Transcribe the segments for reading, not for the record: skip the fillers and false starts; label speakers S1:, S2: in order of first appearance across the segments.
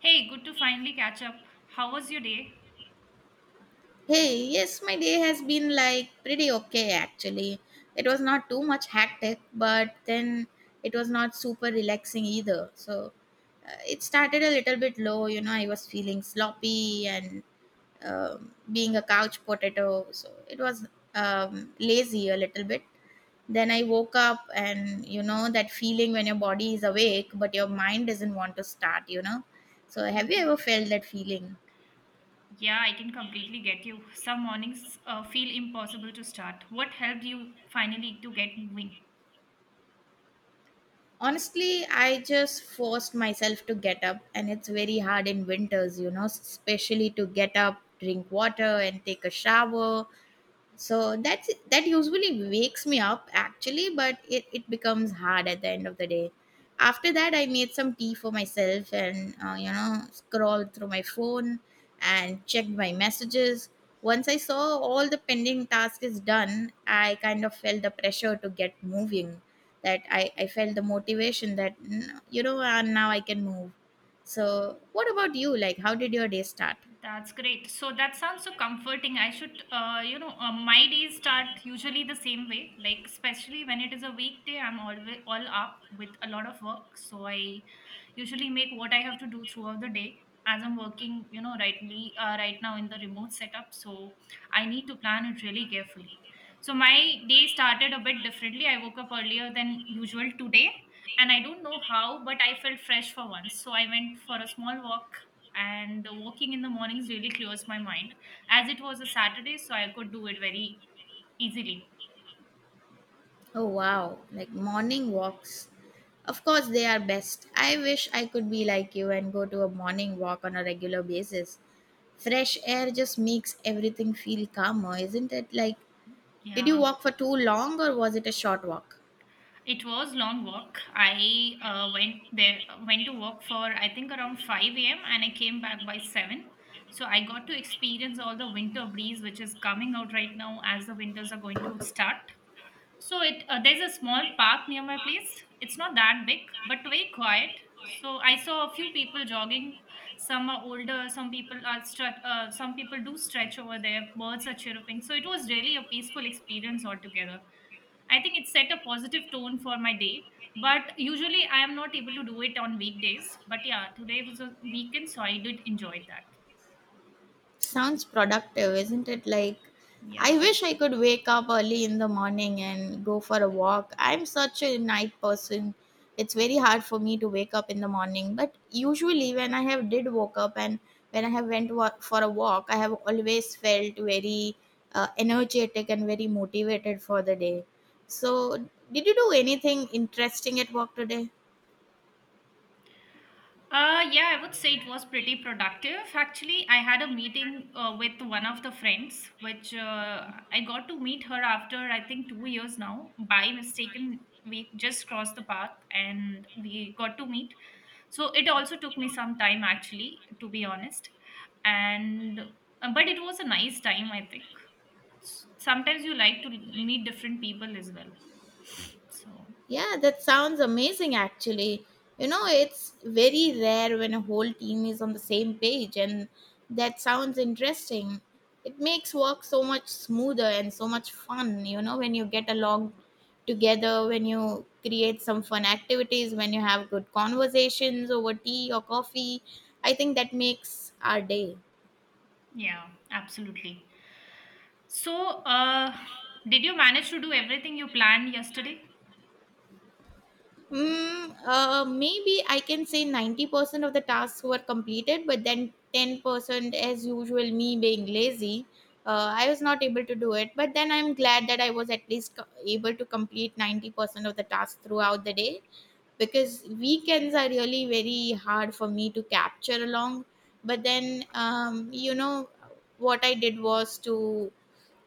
S1: Hey, good to finally catch up. How was your day?
S2: Hey, yes, my day has been like pretty okay actually. It was not too much hectic, but then it was not super relaxing either. So it started a little bit low, you know, I was feeling sloppy and being a couch potato. So it was lazy a little bit. Then I woke up and, you know, that feeling when your body is awake, but your mind doesn't want to start, you know. So have you ever
S1: Mhm.
S2: felt that feeling?
S1: Yeah, I can completely get you. Some mornings feel impossible to start. What helped you finally to get moving?
S2: Honestly, I just forced myself to get up, and it's very hard in winters, you know, especially to get up, drink water, and take a shower, so that's that usually wakes me up actually, but it becomes hard at the end of the day. After that I made some tea for myself and you know, scrolled through my phone and checked my messages. Once I saw all the pending task is done, I kind of felt the pressure to get moving, that I felt the motivation that you know, and now I can move. So what about you? Like, how did your day start?
S1: That's great. So that sounds so comforting. I should, my days start usually the same way. Like especially when it is a weekday, I'm always all up with a lot of work. So I usually make what I have to do throughout the day. As I'm working, you know, right now in the remote setup, so I need to plan it really carefully. So my day started a bit differently. I woke up earlier than usual today, and I don't know how, but I felt fresh for once. So I went for a small walk, and walking in the mornings really clears my mind, as it was a Saturday, so I could do it very easily.
S2: Oh wow, like morning walks. Of course, they are best. I wish I could be like you and go to a morning walk on a regular basis. Fresh air just makes everything feel calmer, isn't it? Like, did you
S1: Yeah,
S2: walk for too long or was it a short walk?
S1: it was long walk. I went to walk for I think around 5 a.m. and I came back by 7. So I got to experience all the winter breeze which is coming out right now as the winters are going to start. So it there's a small park near my place. It's not that big, but very quiet. So I saw a few people jogging. Some are older. Some people are stretch. Some people do stretch over there. Birds are chirping. So it was really a peaceful experience altogether. I think it set a positive tone for my day. But usually I am not able to do it on weekdays. But yeah, today was a weekend, so I did enjoy that.
S2: Sounds productive, isn't it? Like, I
S1: Yeah.
S2: wish I could wake up early in the morning and go for a walk. I'm such a night person. It's very hard for me to wake up in the morning, but usually when I have did woke up and when I have for a walk, I have always felt very energetic and very motivated for the day. So, did you do anything interesting at work today?
S1: Yeah, I would say it was pretty productive. Actually, I had a meeting with one of the friends, which I got to meet her after I think 2 years now. By mistaken, we just crossed the path and we got to meet. So it also took me some time, actually, to be honest. And But it was a nice time, I think. Sometimes you like to meet different people as well. So.
S2: Yeah, that sounds amazing actually. You know, it's very rare when a whole team is on the same page, and that sounds interesting. It makes work so much smoother and so much fun, you know, when you get along together, when you create some fun activities, when you have good conversations over tea or coffee. I think that makes our day.
S1: Yeah, absolutely. So, did you manage to do everything you planned yesterday?
S2: Maybe I can say 90% of the tasks were completed, but then 10%, as usual, me being lazy, I was not able to do it. But then I'm glad that I was at least able to complete 90% of the tasks throughout the day, because weekends are really very hard for me to capture along. But then, you know, what I did was to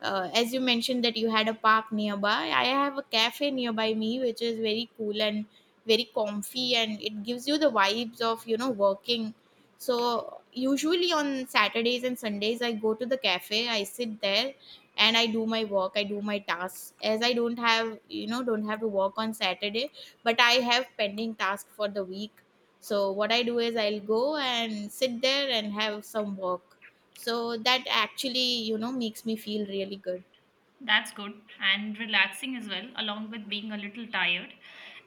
S2: as you mentioned that you had a park nearby, I have a cafe nearby me which is very cool and very comfy, and it gives you the vibes of, you know, working. So usually on Saturdays and Sundays I go to the cafe, I sit there and I do my work, I do my tasks, as I don't have, you know, don't have to work on Saturday, but I have pending tasks for the week. So what I do is I'll go and sit there and have some work. So that actually, you know, makes me feel really good.
S1: That's good and relaxing as well, along with being a little tired.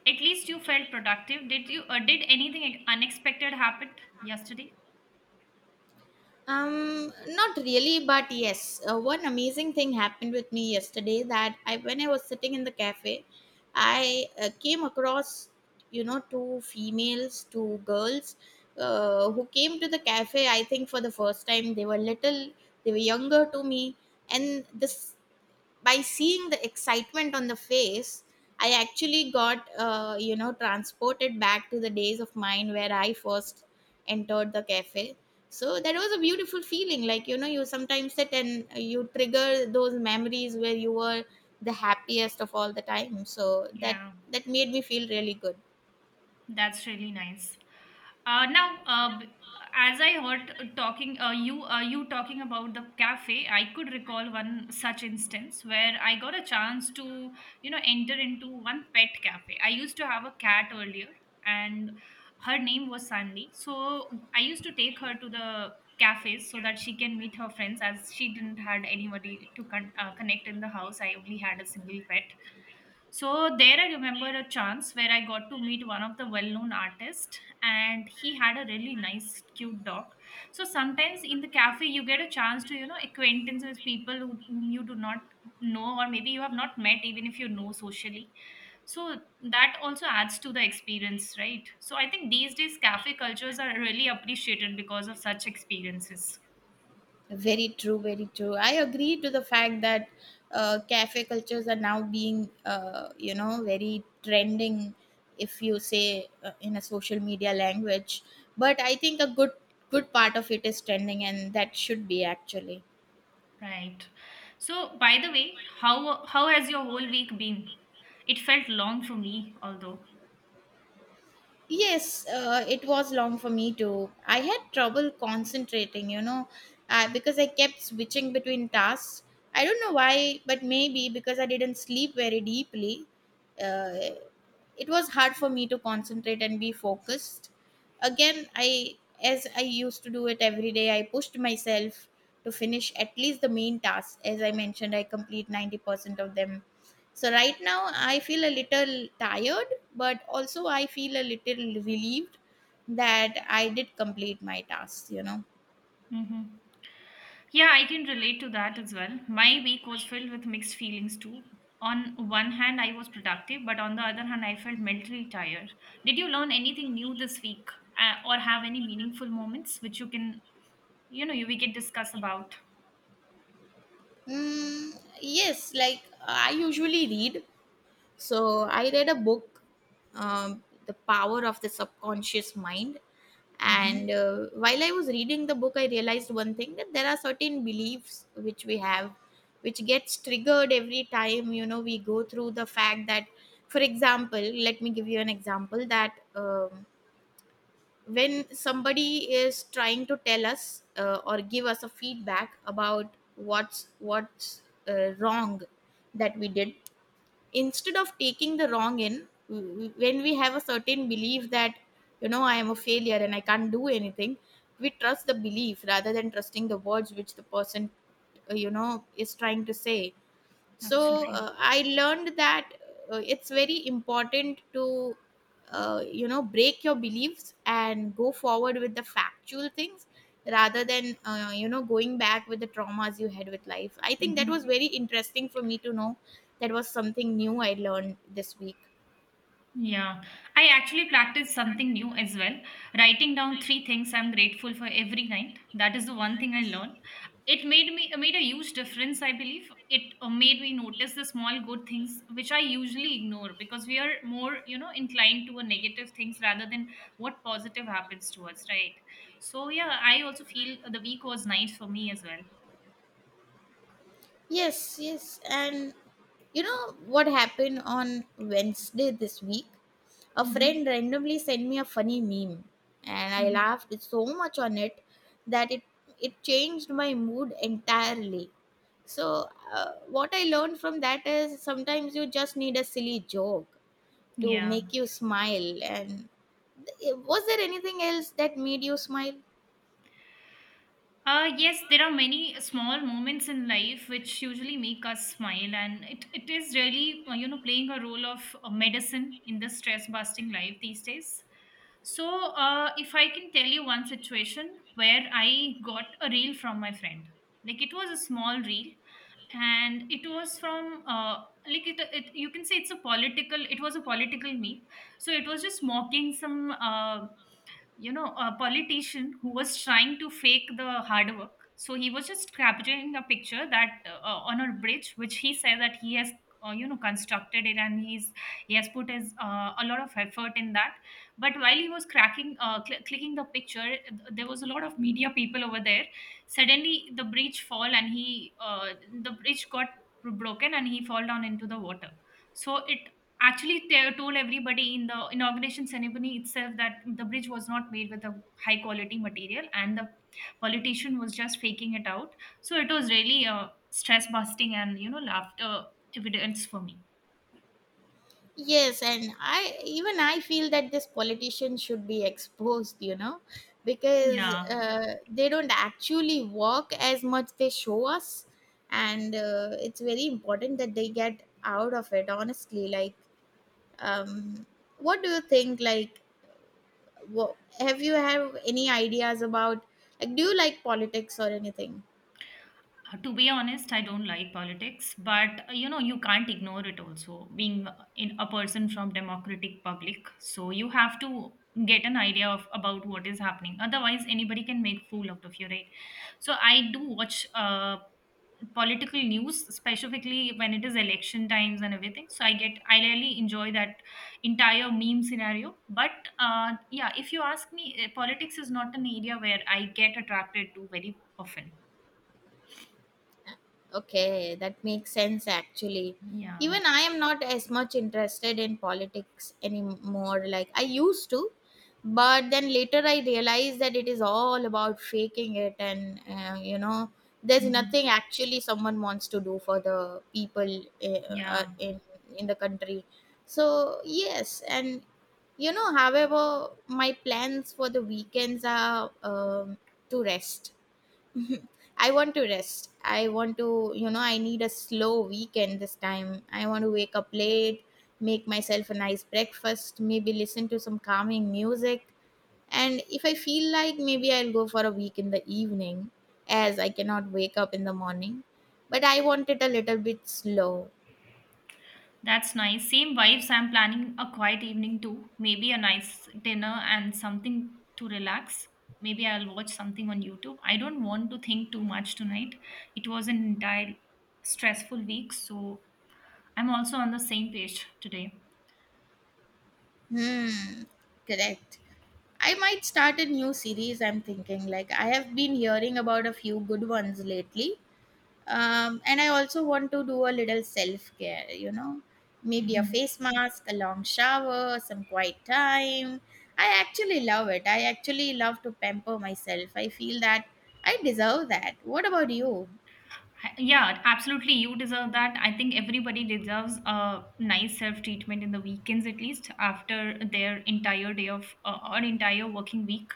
S1: At least you felt productive. Did you? Did anything unexpected happen yesterday?
S2: Um, not really, but yes, one amazing thing happened with me yesterday, that I, when I was sitting in the cafe, I came across, you know, two females, two girls who came to the cafe I think for the first time. They were little, they were younger to me, and this, by seeing the excitement on the face, I actually got you know, transported back to the days of mine where I first entered the cafe. So that was a beautiful feeling, like, you know, you sometimes sit and you trigger those memories where you were the happiest of all the time. So that
S1: Yeah.
S2: that made me feel really good.
S1: That's really nice. Now, b- as I heard talking, you you talking about the cafe, I could recall one such instance where I got a chance to, you know, enter into one pet cafe. I used to have a cat earlier, and her name was Sandy. So I used to take her to the cafes so that she can meet her friends, as she didn't had anybody to connect in the house. I only had a single pet, so there I remember a chance where I got to meet one of the well-known artists and he had a really nice cute dog. So sometimes in the cafe you get a chance to, you know, acquaintance with people who, whom you do not know or maybe you have not met even if you know socially. So that also adds to the experience, right? So I think these days cafe cultures are really appreciated because of such experiences.
S2: Very true, very true. I agree to the fact that cafe cultures are now being, you know, very trending, if you say in a social media language. But I think a good part of it is trending, and that should be actually.
S1: Right. So, by the way, how has your whole week been? It felt long for me, although.
S2: Yes, it was long for me too. I had trouble concentrating, you know, because I kept switching between tasks. I don't know why, but maybe because I didn't sleep very deeply, uh, it was hard for me to concentrate and be focused. Again, I, as I used to do it every day, I pushed myself to finish at least the main tasks. As I mentioned, I complete 90% of them, so right now I feel a little tired, but also I feel a little relieved that I did complete my tasks, you know.
S1: Hmm. Yeah, I can relate to that as well. My week was filled with mixed feelings too. On one hand, I was productive, but on the other hand, I felt mentally tired. Did you learn anything new this week, or have any meaningful moments which you can, you know, you we can discuss about?
S2: Mm, yes, like I usually read, so I read a book, The Power of the Subconscious Mind.
S1: Hmm.
S2: And while I was reading the book, I realized one thing, that there are certain beliefs which we have, which gets triggered every time, you know, we go through the fact that, for example, let me give you an example that when somebody is trying to tell us or give us a feedback about what's wrong that we did, instead of taking the wrong in when we have a certain belief that, you know, I am a failure and I can't do anything, we trust the belief rather than trusting the words which the person you know, is trying to say. So
S1: Absolutely.
S2: I learned that it's very important to you know, break your beliefs and go forward with the factual things, rather than you know, going back with the traumas you had with life. I think that was
S1: Mm-hmm.
S2: very interesting for me to know. That was something new I learned this week.
S1: Yeah, I actually practiced something new as well, writing down three things I'm grateful for every night. That is the one thing I learned. It made a huge difference, I believe. It made me notice the small good things which I usually ignore because we are more, you know, inclined to a negative things rather than what positive happens to us, right? So yeah, I also feel the week was nice for me as well.
S2: Yes, yes. And you know what happened on Wednesday this week? A friend
S1: Mm-hmm.
S2: randomly sent me a funny meme, and I
S1: Mm-hmm.
S2: laughed so much on it, that it changed my mood entirely. So, what I learned from that is sometimes you just need a silly joke to
S1: Yeah.
S2: make you smile. And was there anything else that made you smile?
S1: Yes, there are many small moments in life which usually make us smile, and it is really, playing a role of medicine in the stress busting life these days. So, if I can tell you one situation where I got a reel from my friend, like it was a small reel, and it was from, like you can say it was a political meme. So, it was just mocking some, you know, a politician who was trying to fake the hard work. So he was just capturing a picture that on a bridge, which he said that he has, you know, constructed it and he has put his a lot of effort in that. But while he was clicking the picture, there was a lot of media people over there. Suddenly, the bridge fall and he the bridge got broken and he fall down into the water. So it. Actually, they told everybody in the inauguration ceremony itself that the bridge was not made with a high quality material, and the politician was just faking it out. So it was really a stress busting and you know laughter evidence for me.
S2: Yes, and I even I feel that this politician should be exposed, you know, because
S1: Yeah.
S2: they don't actually work as much they show us, and it's very important that they get out of it. Honestly, like, um, what do you think? Like, wha have you have any ideas about? Like, do you like politics or anything?
S1: To be honest, I don't like politics, but you know, you can't ignore it also, being in a person from democratic public. So you have to get an idea of about what is happening. Otherwise, anybody can make fool out of you, right? So I do watch political news specifically when it is election times and everything. So I really enjoy that entire meme scenario. But yeah, if you ask me, eh, politics is not an area where I get attracted to very often.
S2: Okay, that makes sense actually.
S1: Yeah.
S2: Even I am not as much interested in politics anymore like I used to, but then later I realized that it is all about faking it and you know, there's
S1: Mhm.
S2: nothing actually someone wants to do for the people, uh,
S1: Yeah,
S2: in in the country. So, yes, and you know, however my plans for the weekends are to rest. Mhm. I want to rest. I want to, you know, I need a slow weekend this time. I want to wake up late, make myself a nice breakfast, maybe listen to some calming music. And if I feel like, maybe I'll go for a week in the evening, as I cannot wake up in the morning. But I want it a little bit slow.
S1: that's nice, same vibes. I'm planning a quiet evening too, maybe a nice dinner and something to relax. Maybe I'll watch something on YouTube. I don't want to think too much tonight. It was an entire stressful week, so I'm also on the same page today.
S2: Hmm, correct. I might start a new series, I'm thinking. Like, I have been hearing about a few good ones lately, and I also want to do a little self care, you know, maybe a
S1: Mhm.
S2: face mask, a long shower, some quiet time. I actually love it, I actually love to pamper myself. I feel that I deserve that. What about you?
S1: Yeah, absolutely. You deserve that. I think everybody deserves a nice self treatment in the weekends, at least after their entire day of or entire working week.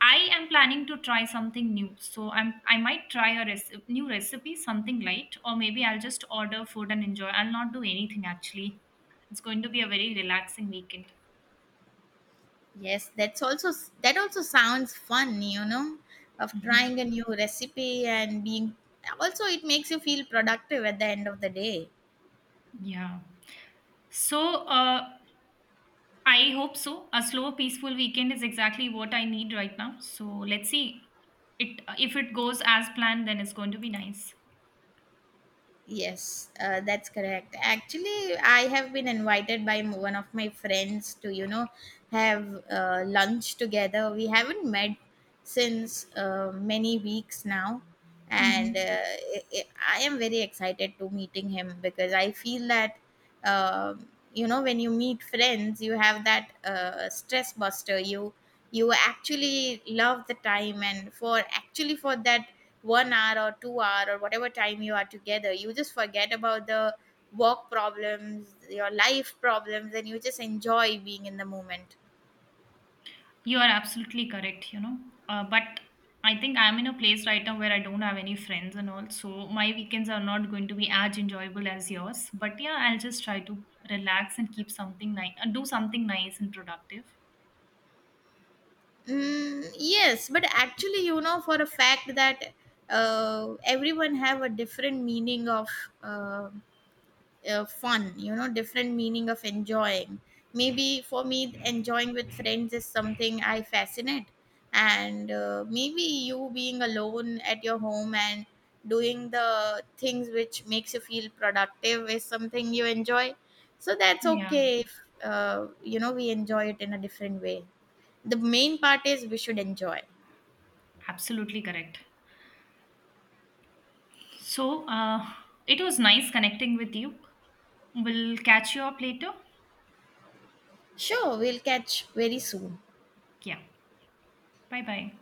S1: I am planning to try something new, so I might try a new recipe, something light, or maybe I'll just order food and enjoy. I'll not do anything actually. It's going to be a very relaxing weekend.
S2: Yes, that's also, that also sounds fun, you know, of
S1: Mhm.
S2: trying a new recipe and being, also it makes you feel productive at the end of the day.
S1: Yeah. So, uh, I hope so. A slow, peaceful weekend is exactly what I need right now. So let's see. It if it goes as planned, then it's going to be nice.
S2: Yes, that's correct. Actually, I have been invited by one of my friends to, you know, have lunch together. We haven't met since many weeks now,
S1: Hmm.
S2: and I am very excited to meeting him, because I feel that, um, you know, when you meet friends, you have that stress buster. You actually love the time, and for actually for that 1 hour or 2 hour or whatever time you are together, you just forget about the work problems, your life problems, and you just enjoy being in the moment.
S1: You are absolutely correct. You know, but I think I'm in a place right now where I don't have any friends and all, so my weekends are not going to be as enjoyable as yours. But yeah, I'll just try to relax and keep something nice, do something nice and productive.
S2: Mm, yes, but actually you know for a fact that everyone have a different meaning of uh, fun, you know, different meaning of enjoying. Maybe for me, enjoying with friends is something I fascinate, and maybe you being alone at your home and doing the things which makes you feel productive is something you enjoy. So that's
S1: Yeah,
S2: okay if, you know, we enjoy it in a different way. The main part is we should enjoy.
S1: absolutely correct. So, it was nice connecting with you. We'll catch you up later.
S2: Sure, we'll catch very soon.
S1: Yeah. Bye bye.